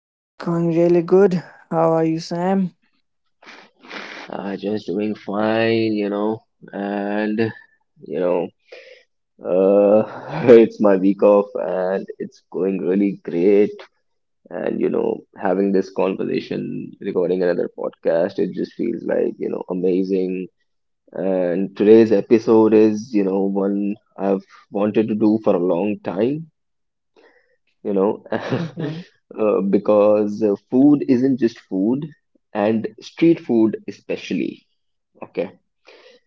It's going really good. How are you, Sam? Just doing fine, you know, and you know, it's my week off and it's going really great. And you know, having this conversation, recording another podcast, it just feels like you know, amazing. And today's episode is, you know, one I've wanted to do for a long time Mhm, because food isn't just food, and street food especially, okay?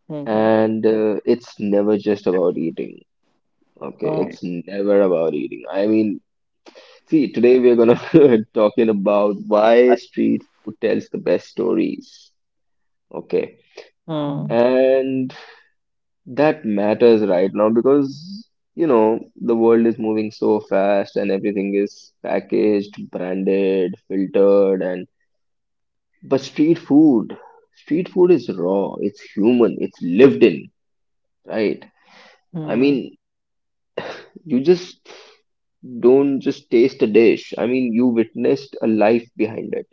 mhm. And it's never just about eating, okay? Oh, okay. It's never about eating. I mean, see, today we're gonna talking about why street food tells the best stories, okay? Mm, And that matters right now because you know the world is moving so fast and everything is packaged, branded, filtered, and but street food is raw, it's human, it's lived in, right? I hmm. mean, you just don't just taste a dish. I mean, you witnessed a life behind it.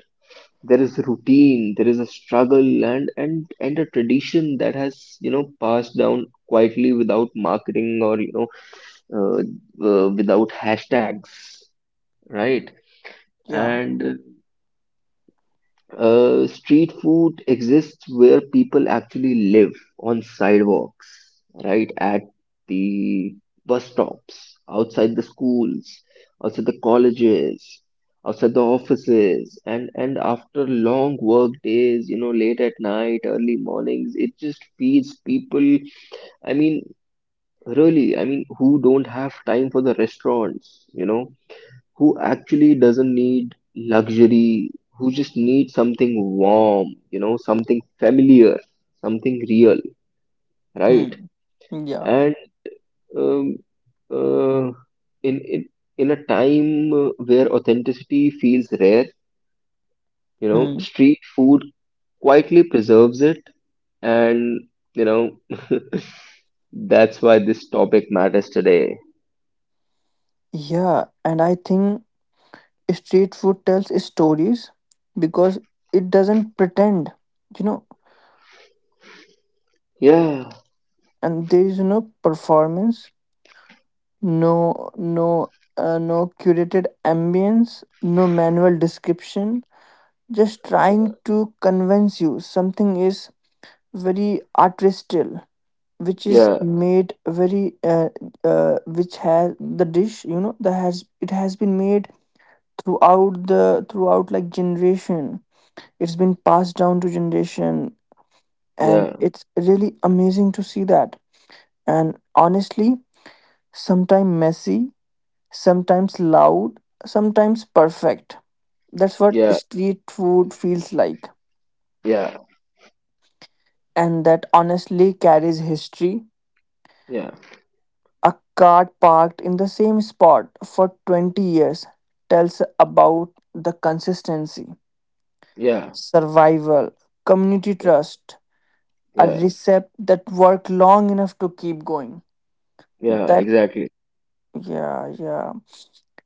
There is a routine, there is a struggle and and a tradition that has, you know, passed down quietly without marketing, or, you know, uh, uh, without hashtags, right? Yeah, And street food exists where people actually live, on sidewalks, right? At the bus stops, outside the schools, outside the colleges, outside the offices, and after long work days, you know, late at night, early mornings, it just feeds people. I mean, really, I mean, who don't have time for the restaurants, you know? Who actually doesn't need luxury, who just needs something warm, you know, something familiar, something real, right? mm, yeah, And um, uh, in in in a time where authenticity feels rare, you know, mm. street food quietly preserves it, and you know that's why this topic matters today. Yeah, and I think street food tells stories because it doesn't pretend, you know, Yeah, and there is no performance, no no no curated ambience, no manual description, just trying to convince you something is very artistical. Which is yeah, made very, which has the dish, that has, it has been made throughout the throughout like generation. It's been passed down to generation, and yeah, it's really amazing to see that. And honestly, sometimes messy, sometimes loud, sometimes perfect, that's what yeah, street food feels like. yeah, And that honestly carries history. yeah, A car parked in the same spot for 20 years tells about the consistency, yeah, survival, community yeah, trust, a yeah, recipe that worked long enough to keep going. yeah, That, exactly. yeah, yeah.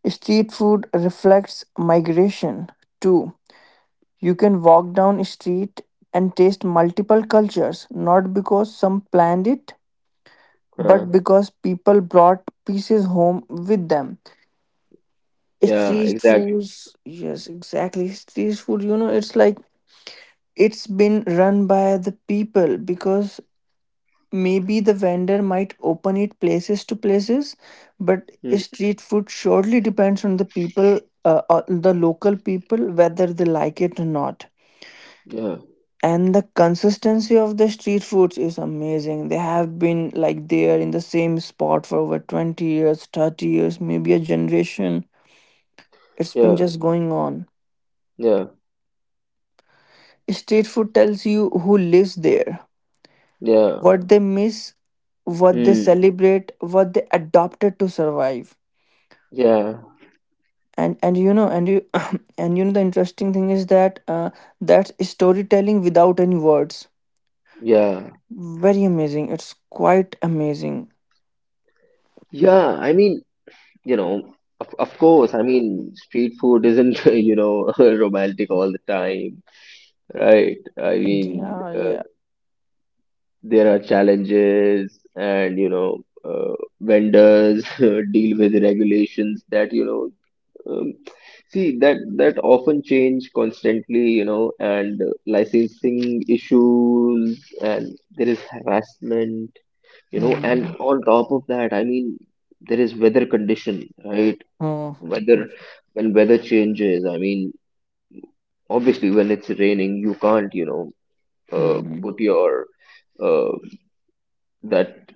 Street food reflects migration too. You can walk down a street and taste multiple cultures, not because some planned it, Uh, but because people brought pieces home with them. yeah, Street exactly. foods, yes, exactly. Street food, it's like it's been run by the people because maybe the vendor might open it places to places, but Mm, street food surely depends on the people, the local people, whether they like it or not. yeah, And the consistency of the street foods is amazing. They have been like there in the same spot for over 20 years, 30 years, maybe a generation. It's been yeah, just going on. yeah, Street food tells you who lives there, yeah. what they miss, what they Mm, celebrate, what they adopted to survive. yeah, And you know and you and you know the interesting thing is that, that's storytelling without any words. yeah, Very amazing. It's quite amazing. yeah. I mean, you know, of course, I mean, street food isn't, you know, romantic all the time, right? I mean, Yeah, yeah. there are challenges and, you know, vendors deal with regulations that, you know, Um, see that often change constantly, you know, and licensing issues, and there is harassment, you know, and Mm. on top of that, I mean, there is weather condition, right? Mm. Weather When weather changes, I mean, obviously when it's raining, you can't, you know, Mm. put your uh, that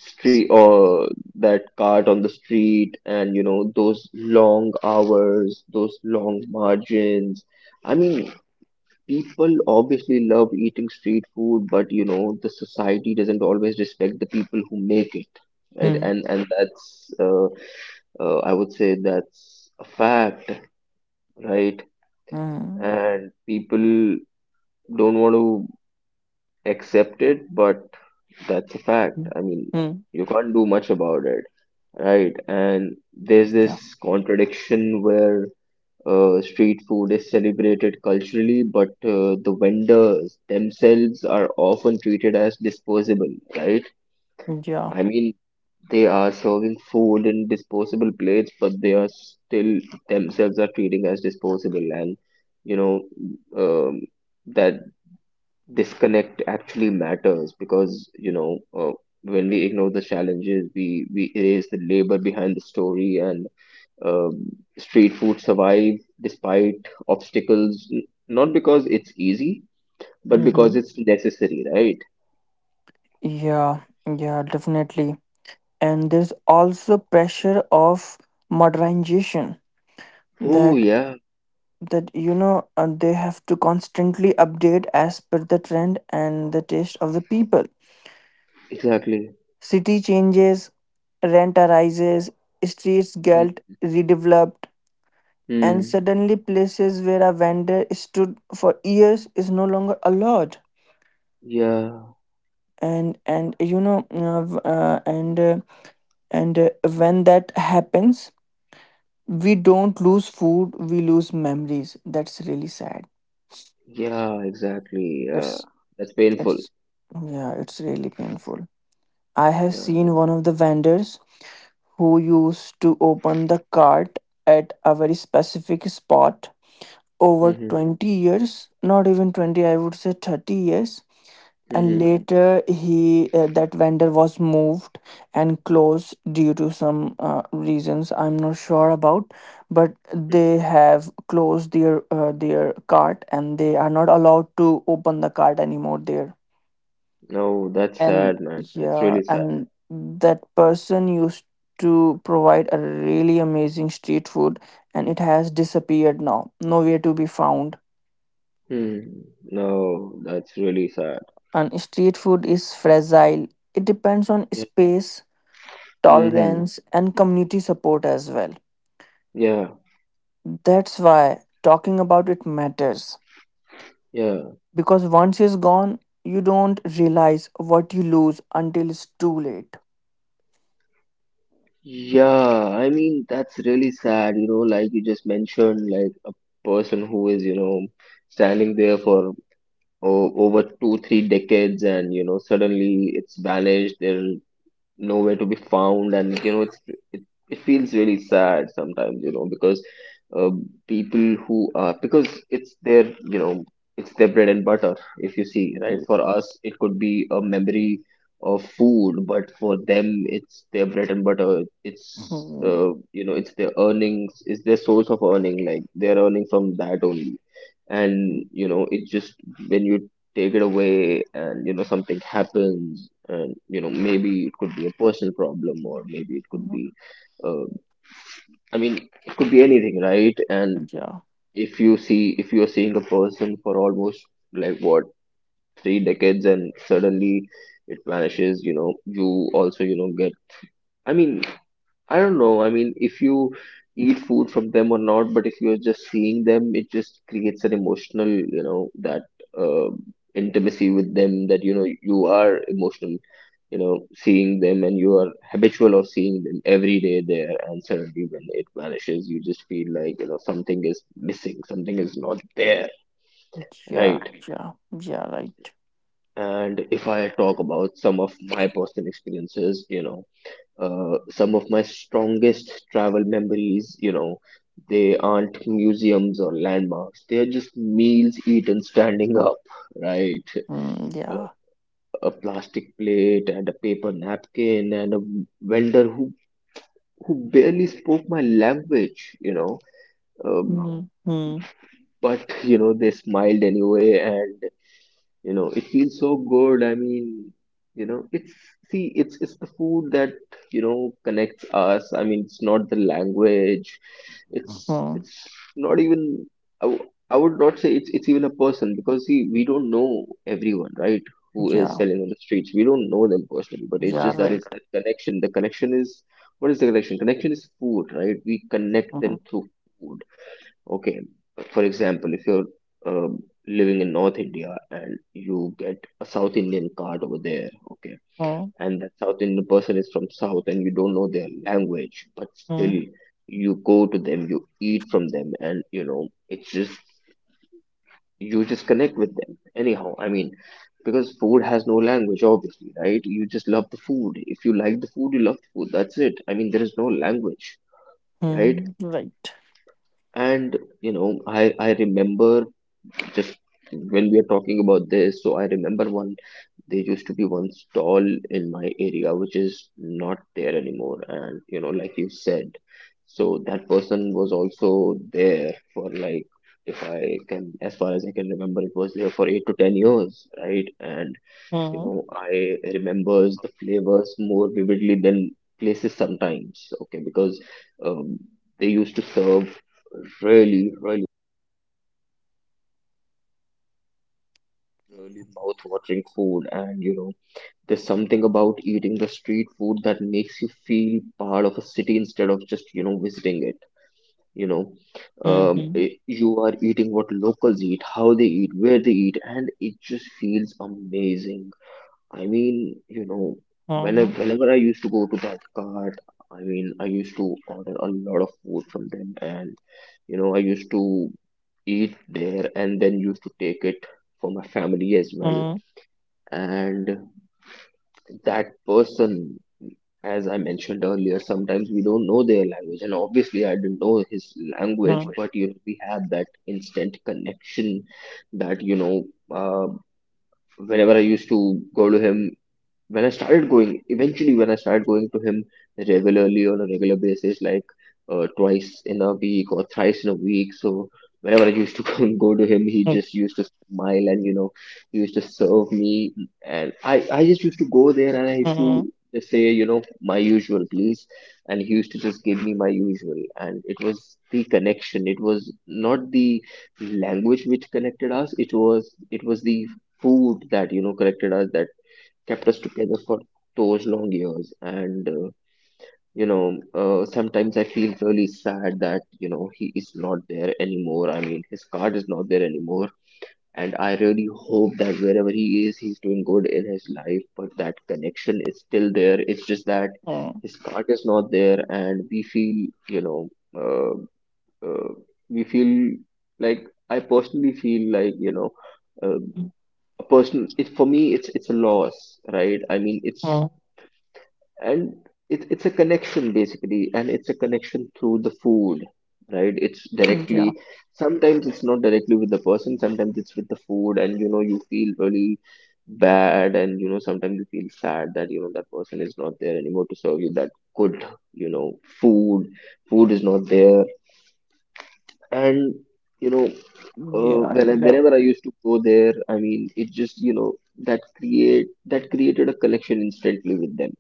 street or that cart on the street, and you know those long hours, those long margins. I mean, people obviously love eating street food, but you know the society doesn't always respect the people who make it, right? Mm. And that's I would say that's a fact, right? Mm. And people don't want to accept it, but that's a fact. I mean, Mm. you can't do much about it, right? And there's Yeah. this contradiction where street food is celebrated culturally, but the vendors themselves are often treated as disposable, right? Yeah. I mean, they are serving food in disposable plates, but they are still themselves are treating as disposable, and you know um, that disconnect actually matters, because you know when we ignore the challenges, we erase the labor behind the story. And street food survive despite obstacles, not because it's easy, but because Hmm. it's necessary, right? Yeah. Yeah. Definitely. And there's also pressure of modernization Oh, that, yeah, they have to constantly update as per the trend and the taste of the people. exactly. City changes, rent arises, streets Hmm. get redeveloped, and Hmm. suddenly places where a vendor stood for years is no longer allowed. Yeah, And you know v- and and uh, when that happens, we don't lose food, we lose memories. That's really sad. yeah, exactly. Yeah, It's that's painful. it's, yeah, it's really painful. I have Yeah. seen one of the vendors who used to open the cart at a very specific spot over Mm-hmm. 20 years, not even 20, I would say 30 years. And Mm-hmm. later he, that vendor was moved and closed due to some, reasons I'm not sure about, but they have closed their, their cart, and they are not allowed to open the cart anymore there. No, that's And sad, man. That's yeah, really sad. and that person used to provide a really amazing street food, and it has disappeared now, nowhere to be found. Hmm. No, that's really sad. And street food is fragile. It depends on Yeah. space, Mm-hmm. tolerance, and community support as well. Yeah. That's why talking about it matters. Yeah. Because once it's gone, you don't realize what you lose until it's too late. Yeah, I mean, that's really sad, you know, like you just mentioned, like a person who is, you know, standing there for o over two, three decades and, you know, suddenly it's vanished. There, nowhere to be found. And you know it, it feels really sad sometimes, you know, because uh, people who are, because it's their, you know, it's their bread and butter, if you see, right? For us it could be a memory of food, but for them it's their bread and butter. It's Mhm. You know, it's their earnings, it's their source of earning, like they're earning from that only. And you know it just, when you take it away, and you know something happens, and you know maybe it could be a personal problem, or maybe it could be uh, I mean, it could be anything, right? And Yeah, if you see, if you're seeing a person for almost, like, what, three decades, and suddenly it vanishes, you know, you also, you know, get, I mean, I don't know, I mean, if you eat food from them or not, but if you're just seeing them, it just creates an emotional, you know, that uh, intimacy with them, that you know you are emotional, you know, seeing them, and you are habitual of seeing them every day there, and suddenly when it vanishes, you just feel like, you know, something is missing, something is not there, yeah, right? yeah, yeah, right. And if I talk about some of my personal experiences, you know, some of my strongest travel memories, you know, they aren't museums or landmarks, they're just meals eaten standing up, right? Mm, a yeah. a plastic plate and a paper napkin and a vendor who barely spoke my language, you know, um, Mm, mm, but you know they smiled anyway. And you know it feels so good. I mean, you know, it's see, it's the food that, you know, connects us. I mean, it's not the language, mm, it's not even i, w- I would not say it's even a person, because see, we don't know everyone, right, who is yeah, selling on the streets. We don't know them personally, but it's yeah, just that, right. it's that connection. The connection is, what is the connection? Connection is food, right? We connect Mm, them through food. Okay, for example, if you're um, living in North India and you get a South Indian card over there, okay, mm, and that South Indian person is from South and you don't know their language, but still mm, you go to them, you eat from them, and you know, it's just, you just connect with them anyhow. I mean, because food has no language, obviously, right? You just love the food. If you like the food, you love the food. That's it. I mean, there is no language, right? mm, right. And you know, I remember, just when we are talking about this, so I remember one. There used to be one stall in my area which is not there anymore, and you know, like you said, so that person was also there for like, if I can, as far as I can remember, it was there for 8 to 10 years, right? And you Mm, know, I remembers the flavors more vividly than places sometimes. Okay, because um, they used to serve really, really, really mouth-watering food. And you know there's something about eating the street food that makes you feel part of a city instead of just, you know, visiting it, you know. Mhm, You are eating what locals eat, how they eat, where they eat, and it just feels amazing. I mean, you know, mhm, whenever I used to go to that cart, I mean, I used to order a lot of food from them, and you know I used to eat there and then used to take it for my family as well. mm, And that person, as I mentioned earlier, sometimes we don't know their language, and obviously I didn't know his mm, language, but you know we had that instant connection, that you know uh, whenever I used to go to him, when I started going, eventually when I started going to him regularly on a regular basis, like twice in a week or thrice in a week. So whenever I used to go to him, he mm, just used to smile, and you know, he used to serve me, and I just used to go there and I used to just say, you know, my usual please, and he used to just give me my usual, and it was the connection. It was not the language which connected us. It was the food that, you know, connected us, that kept us together for those long years. And, you know, sometimes I feel really sad that, you know, he is not there anymore. I mean, his card is not there anymore. And I really hope that wherever he is, he's doing good in his life, but that connection is still there. It's just that mm, his card is not there, and we feel, uh, uh, we feel like I personally feel like, uh, mm, a person it for me it's a loss, right? I mean and it's a connection basically, and it's a connection through the food, right? It's mm, yeah. directly, sometimes it's not directly with the person, sometimes it's with the food. And you know, you feel really bad. And you know, sometimes you feel sad that you know, that person is not there anymore to serve you that good, you know, food. Food is not there. And you know Yeah, yeah. whenever I used to go there, I mean, it just you know, that created a connection instantly with them.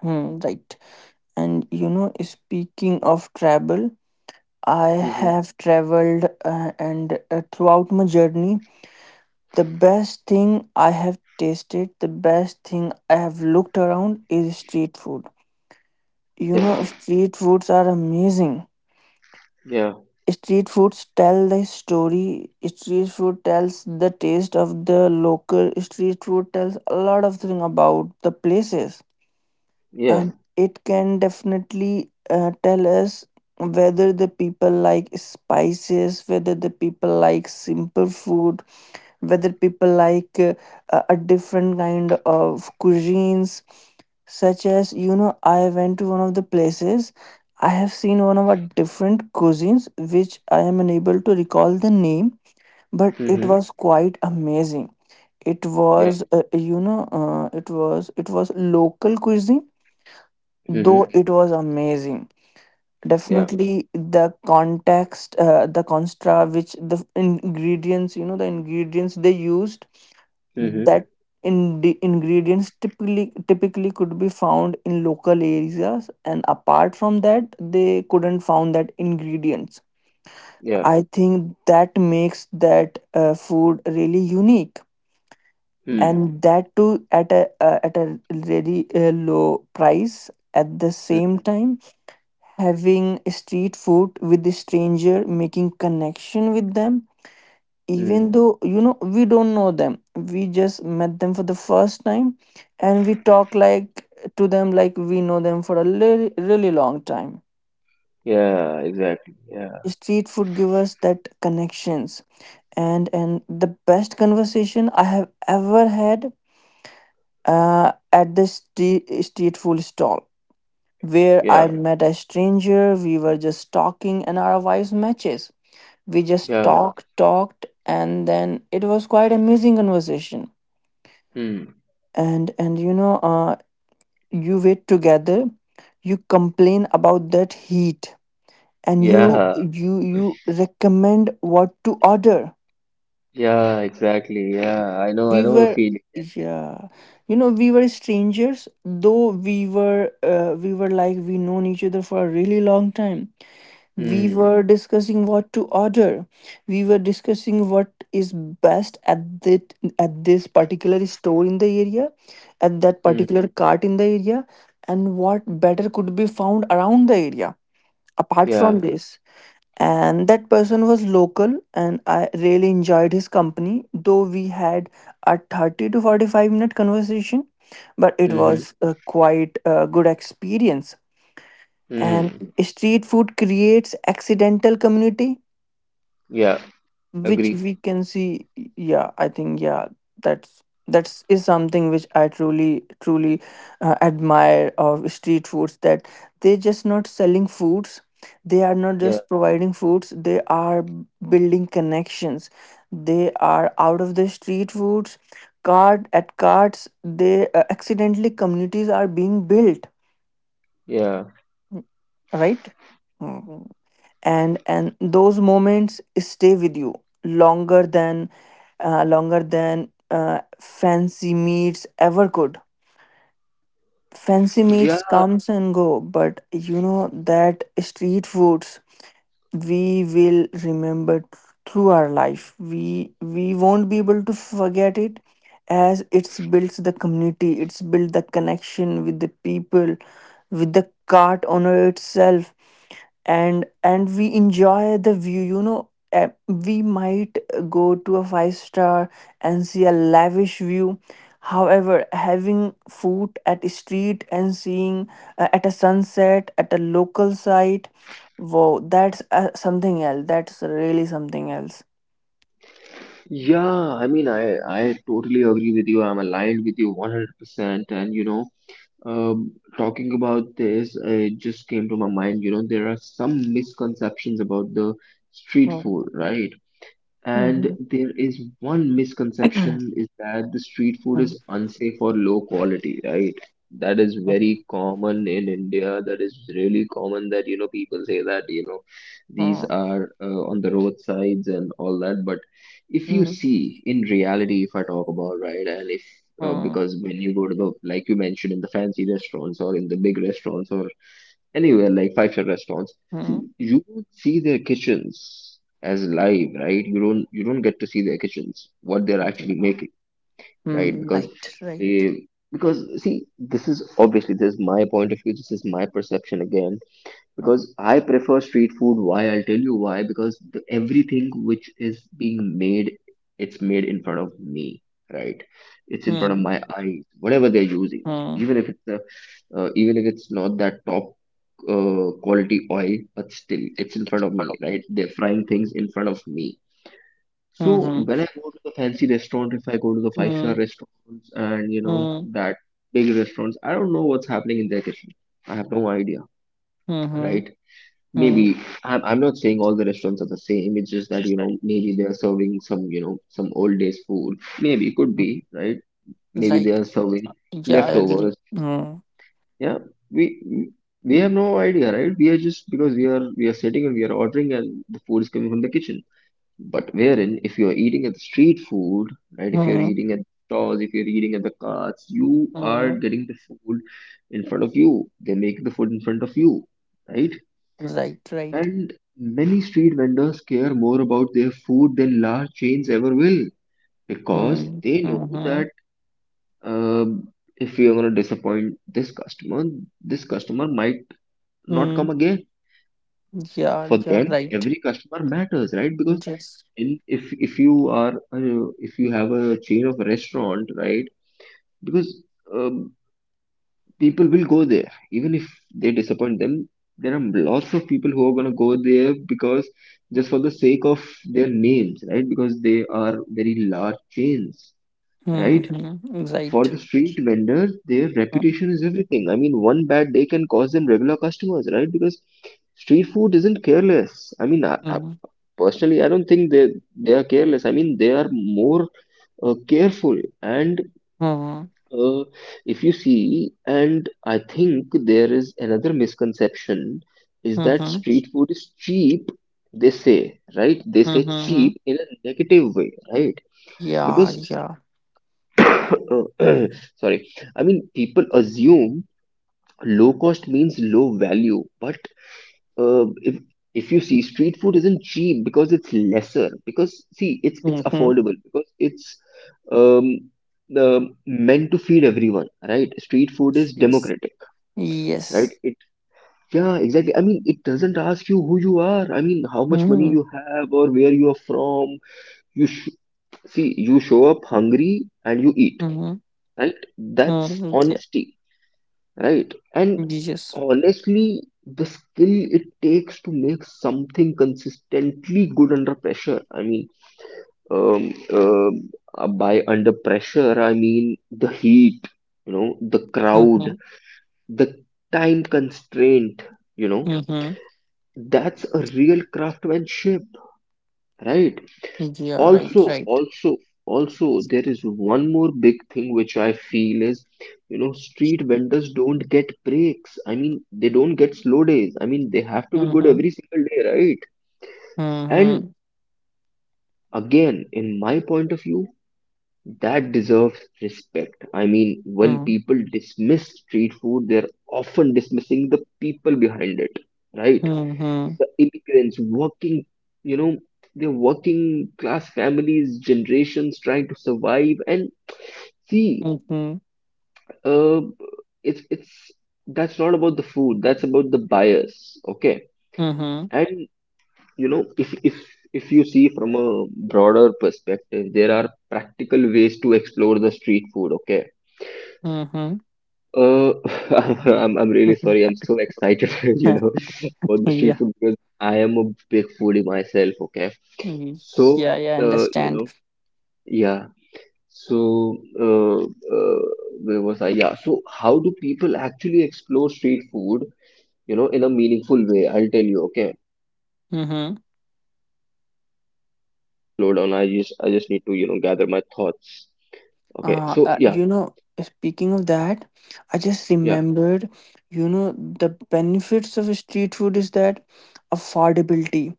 Hmm, right. And you know, speaking of travel, I Hmm. have traveled, and throughout my journey, the best thing I have tasted, the best thing I have looked around is street food. You know, Yeah. street foods are amazing. Yeah. Street foods tell the story. Street food tells the taste of the local. Street food tells a lot of thing about the places, and Yeah. it can definitely, tell us whether the people like spices, whether the people like simple food, whether people like, a different kind of cuisines, such as, I went to one of the places. I have seen one of our different cuisines which I am unable to recall the name, but it Mm-hmm. was quite amazing. It Yeah. was, it was local cuisine, though Mm-hmm. it was amazing. Yeah. Definitely the context, the constra which the ingredients, the ingredients they used, Mm-hmm. that in the ingredients, typically could be found in local areas, and apart from that they couldn't found that ingredients. Yeah. I think that makes that, food really unique, Mm. and that too at a, at a very, low price. At the same time, having street food with the stranger, making connection with them, even Mm. though, we don't know them, we just met them for the first time, and we talk like to them like we know them for a really, really long time. Yeah. Exactly. Yeah. Street food give us that connections, and the best conversation I have ever had, at the street food stall, where I Yeah. met a stranger. We were just talking and our vibes matches. We just Yeah. talked, talked, and then it was quite amazing conversation. Mm. And, you wait together, you complain about that heat, and you Yeah. you you recommend what to order. Yeah. Exactly. Yeah. I know. I We know the were, feeling. yeah, we were strangers, though we were, like we known each other for a really long time. We Mm. were discussing what to order. We were discussing what is best at that, at this particular store in the area, at that Mm. particular cart in the area, and what better could be found around the area apart from Yeah. this. And that person was local, and I really enjoyed his company, though we had a 30 to 45 minute conversation, but it Mm-hmm. was a quite a good experience. And Mm. street food creates accidental community Yeah. which Agree. we can see. Yeah, I think, yeah, that's, is something which I truly, truly, admire of street foods, that they're just not selling foods. They are not Yeah. just providing foods. They are building connections. They are out of the street foods card at cards. They, accidentally communities are being built, Yeah. right? Mm-hmm. And those moments stay with you longer than, fancy meets ever could. Fancy Yeah. meets comes and go, but you know that street foods, we will remember, through our life we won't be able to forget it, as it's builds the community, it's built the connection with the people, with the cart owner itself. And we enjoy the view, you know, we might go to a five star and see a lavish view. However, having food at a street and seeing, at a sunset at a local site, wow, that's, something else. That's really something else. Yeah, I mean, I totally agree with you. I'm aligned with you 100%. And you know, talking about this, it just came to my mind. You know, there are some misconceptions about the street Hmm. food, right? And Mhm. there is one misconception is that the street food is unsafe or low quality, right? That is very common in India. That is really common that you know, people say that you know, these Hmm. are on the roadsides and all that. But if you Hmm. see in reality, if I talk about, right, and if Hmm. Mm, because when you go to the, like you mentioned, in the fancy restaurants or in the big restaurants or anywhere like five-star restaurants, see, mm. you don't see their kitchens as live, right? You don't, you don't get to see their kitchens, what they're actually Yeah. making, right? Mm, Because right, right. they, because see, this is obviously this is my point of view, this is my perception again, Hmm. because I prefer street food. Why? I'll tell you why. Because the, everything which is being made, it's made in front of me, right? It's in front of Hmm. my eyes, whatever they're using. Hmm. Even if it's a even if it's not that top quality oil, but still it's in front of me, right? They're frying things in front of me. So Mhm. when I go to the fancy restaurant, if I go to the five-star Hmm. restaurants and you know Hmm. that big restaurants, I don't know what's happening in their kitchen. I have no idea, Mhm, right? mm, Maybe I'm not saying all the restaurants are the same. It's just that you know, maybe they are serving some you know, some old days food. Maybe, could be, mm. right. Maybe they Right. are serving Yeah, I agree. leftovers. Hmm. Yeah, we we have no idea, right? We are just, because we are, we are sitting and we are ordering, and the food is coming from the kitchen. But wherein, if you are eating at the street food, right? If you are Hmm. eating at stores, if you are eating at the carts, you are Hmm. getting the food in front of you. They make the food in front of you, right? Right, right. And many street vendors care more about their food than large chains ever will, because Hmm. they know that Mhm. um, if we are going to disappoint this customer might not come Hmm. again. Yeah, For yeah, them right. every customer matters, right? Because Yes. in, if you are if you have a chain of restaurant, right? Because um, people will go there even if they disappoint them. There are lots of people who are going to go there because just for the sake of their names, right? Because they are very large chains, Hmm. right? Hmm. For Right. the street vendors, their Hmm. reputation is everything. I mean, one bad day can cause them regular customers, right? Because street food isn't careless. I mean, Hmm. personally, I don't think they are careless. I mean, they are more careful. And Hmm. uh, if you see, and I think there is another misconception is Hmm. that Hmm. street food is cheap. They say, right? They say Mhm. cheap in a negative way, right? Yeah, Because yeah. sorry, I mean, people assume low cost means low value. But uh, if if you see, street food isn't cheap because it's lesser, because see, it's Mhm. affordable because it's um the meant to feed everyone, right? Street food is Yes. democratic, right? Yes. it Yeah, exactly. I mean, it doesn't ask you who you are. I mean, how much money Mhm. you have or where you are from. you sh- See, you show up hungry and you eat, Mhm. right? That's Mhm. Yeah. honesty. Right. And Yes. honestly, the skill it takes to make something consistently good under pressure. I mean, um, um, by under pressure, I mean the heat, you know, the crowd, Mhm. the time constraint, you know, Mhm. that's a real craftsmanship, right? Yeah, right, Also, right. also, also there is one more big thing which I feel is, you know, street vendors don't get breaks. I mean, they don't get slow days. I mean, they have to be good Mhm. every single day, right? And Mhm. again, in my point of view, that deserves respect. I mean, when Mhm. people dismiss street food, they're often dismissing the people behind it, right? Mhm. The immigrants working, you know, the working class families, generations trying to survive. And see, Mhm. uh, it's that's not about the food, that's about the bias. Okay. Mhm. And you know, if if you see from a broader perspective, there are practical ways to explore the street food, okay? Mhm. Uh, I'm really Mhm. sorry. I'm so excited, you know, for the street Yeah. food because I am a big foodie myself. Okay, Mm, so yeah, yeah, I you understand. know, yeah. So where was I? Yeah. So how do people actually explore street food, you know, in a meaningful way? I'll tell you. Okay, Mm-hmm. slow down. I just need to, you know, gather my thoughts. Okay. So yeah, You know, speaking of that, I just yeah, remembered, the benefits of street food is that affordability.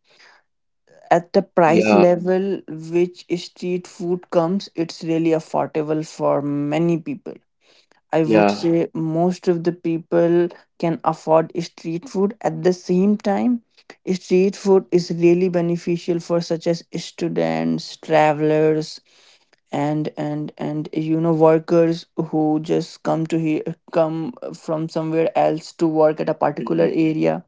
At the price yeah, level which street food comes, it's really affordable for many people. I would yeah, say most of the people can afford street food. At the same time, street food is really beneficial for such as students, travelers, and workers who just come to here, come from somewhere else to work at a particular mm, area.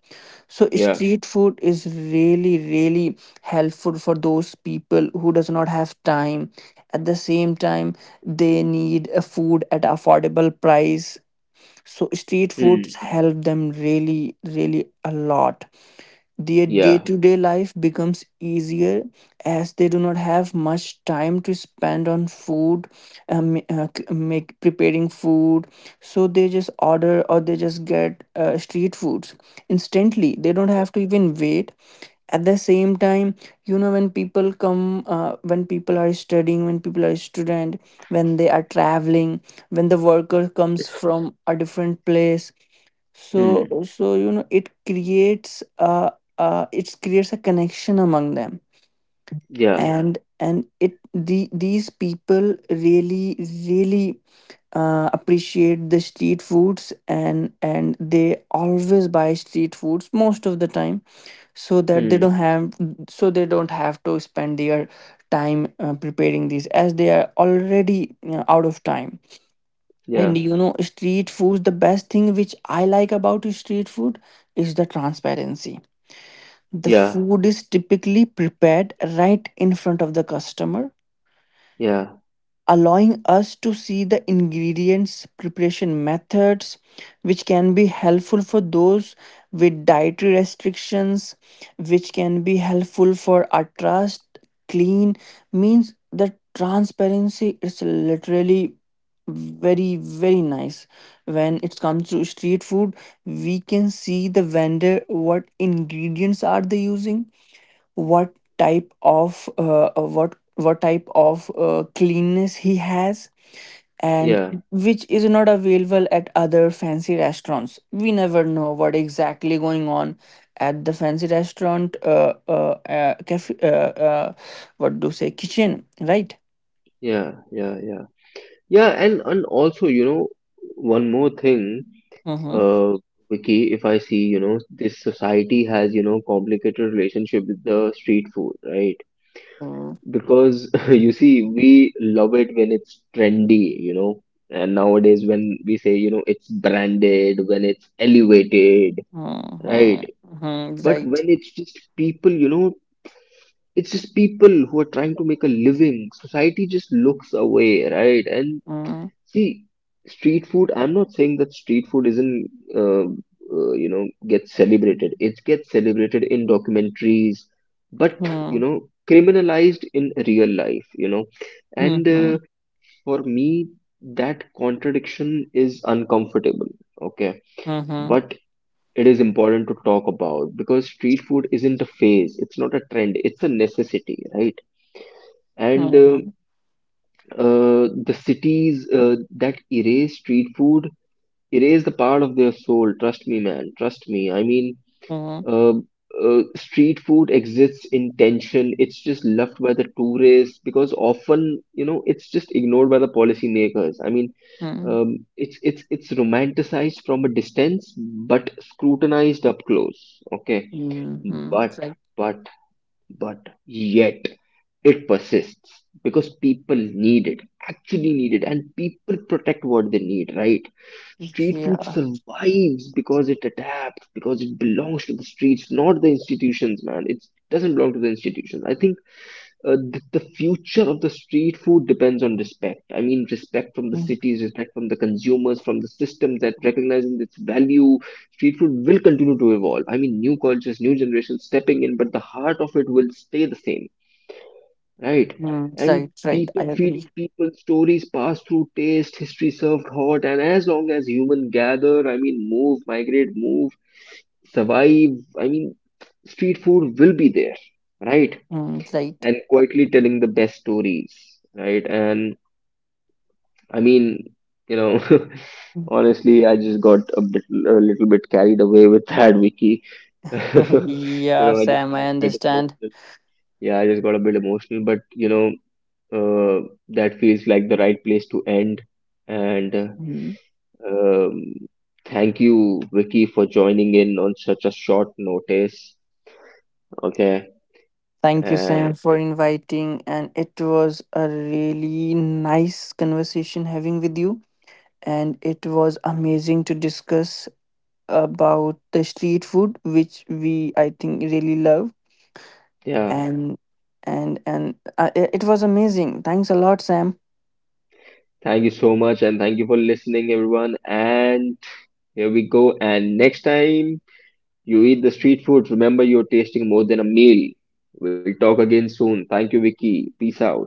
So yeah, street food is really, really helpful for those people who does not have time. At the same time, they need a food at affordable price, so street foods mm, help them really, really a lot. Their yeah, day-to-day life becomes easier as they do not have much time to spend on food, make preparing food, so they just order or they just get, street foods instantly. They don't have to even wait. At the same time, when people come, when people are studying, when people are student, when they are traveling, when the worker comes from a different place, so mm, so you know it creates a, it creates a connection among them. yeah, And it the these people really, really, appreciate the street foods, and they always buy street foods most of the time, so that they don't mm, have, so they don't have to spend their time, preparing these as they are already you out of time. And yeah. you know, street food, the best thing which I like about street food is the transparency. The Yeah, food is typically prepared right in front of the customer, yeah, allowing us to see the ingredients, preparation methods, which can be helpful for those with dietary restrictions, which can be helpful for our trust. Clean means the transparency is literally very, very nice. When it comes to street food, we can see the vendor, what ingredients are they using, what type of, what type of, cleanness he has, and yeah, which is not available at other fancy restaurants. We never know what exactly going on at the fancy restaurant, cafe, what do you say, kitchen, right? yeah, yeah, yeah. Yeah, and also, you know, one more thing, Mm-hmm. uh, Vicky, if I see, you know, this society has, you know, complicated relationship with the street food, right? Mm-hmm. Because you see, we love it when it's trendy, you know, and nowadays when we say, you know, it's branded, when it's elevated, right? Mm-hmm. But Right. when it's just people, you know, it's just people who are trying to make a living. Society just looks away, right? And Mm-hmm. see, street food, I'm not saying that street food isn't, uh, you know, gets celebrated. It gets celebrated in documentaries, but, you Mm-hmm. know, criminalized in real life, you know. And for me, that contradiction is uncomfortable, okay? Mm-hmm. But it is important to talk about because street food isn't a phase, it's not a trend, it's a necessity, right? And the cities that erase street food erase the part of their soul. Trust me, man, trust me. I mean, Mm-hmm. uh, street food exists in tension. It's just loved by the tourists because often you know, it's just ignored by the policy makers. I mean, it's romanticized from a distance but scrutinized up close, okay? Mm-hmm. but Right. but but yet it persists because people need it, actually need it, and people protect what they need, right? Street food Yeah. survives because it adapts, because it belongs to the streets, not the institutions, man. It doesn't belong to the institutions. I think the future of the street food depends on respect. I mean, respect from the cities, respect from the consumers, from the systems that recognizing its value. Street food will continue to evolve. I mean, new cultures, new generations stepping in, but the heart of it will stay the same, right? Mm, right, And right. I people agree. feeding people, stories pass through taste, history served hot, and as long as human gather, I mean, migrate, move, survive, I mean, street food will be there, right? Mm, right. And quietly telling the best stories, right? And I mean, you know, honestly, I just got a bit, a little bit carried away with that, Vicky. You Yeah, know, I just Sam, got I a bit understand. emotional. Yeah, I just got a bit emotional, but you know, uh, that feels like the right place to end. And Mm. um, thank you, Vicky, for joining in on such a short notice. Okay. Thank you, And Sam, for inviting. And it was a really nice conversation having with you. And it was amazing to discuss about the street food, which we, I think, really love. yeah, And and and, it it was amazing. Thanks a lot, Sam. thank you so much. And thank you for listening, everyone. And here we go. And next time you eat the street food, remember you're tasting more than a meal. We'll talk again soon. Thank you, Vicky. Peace out.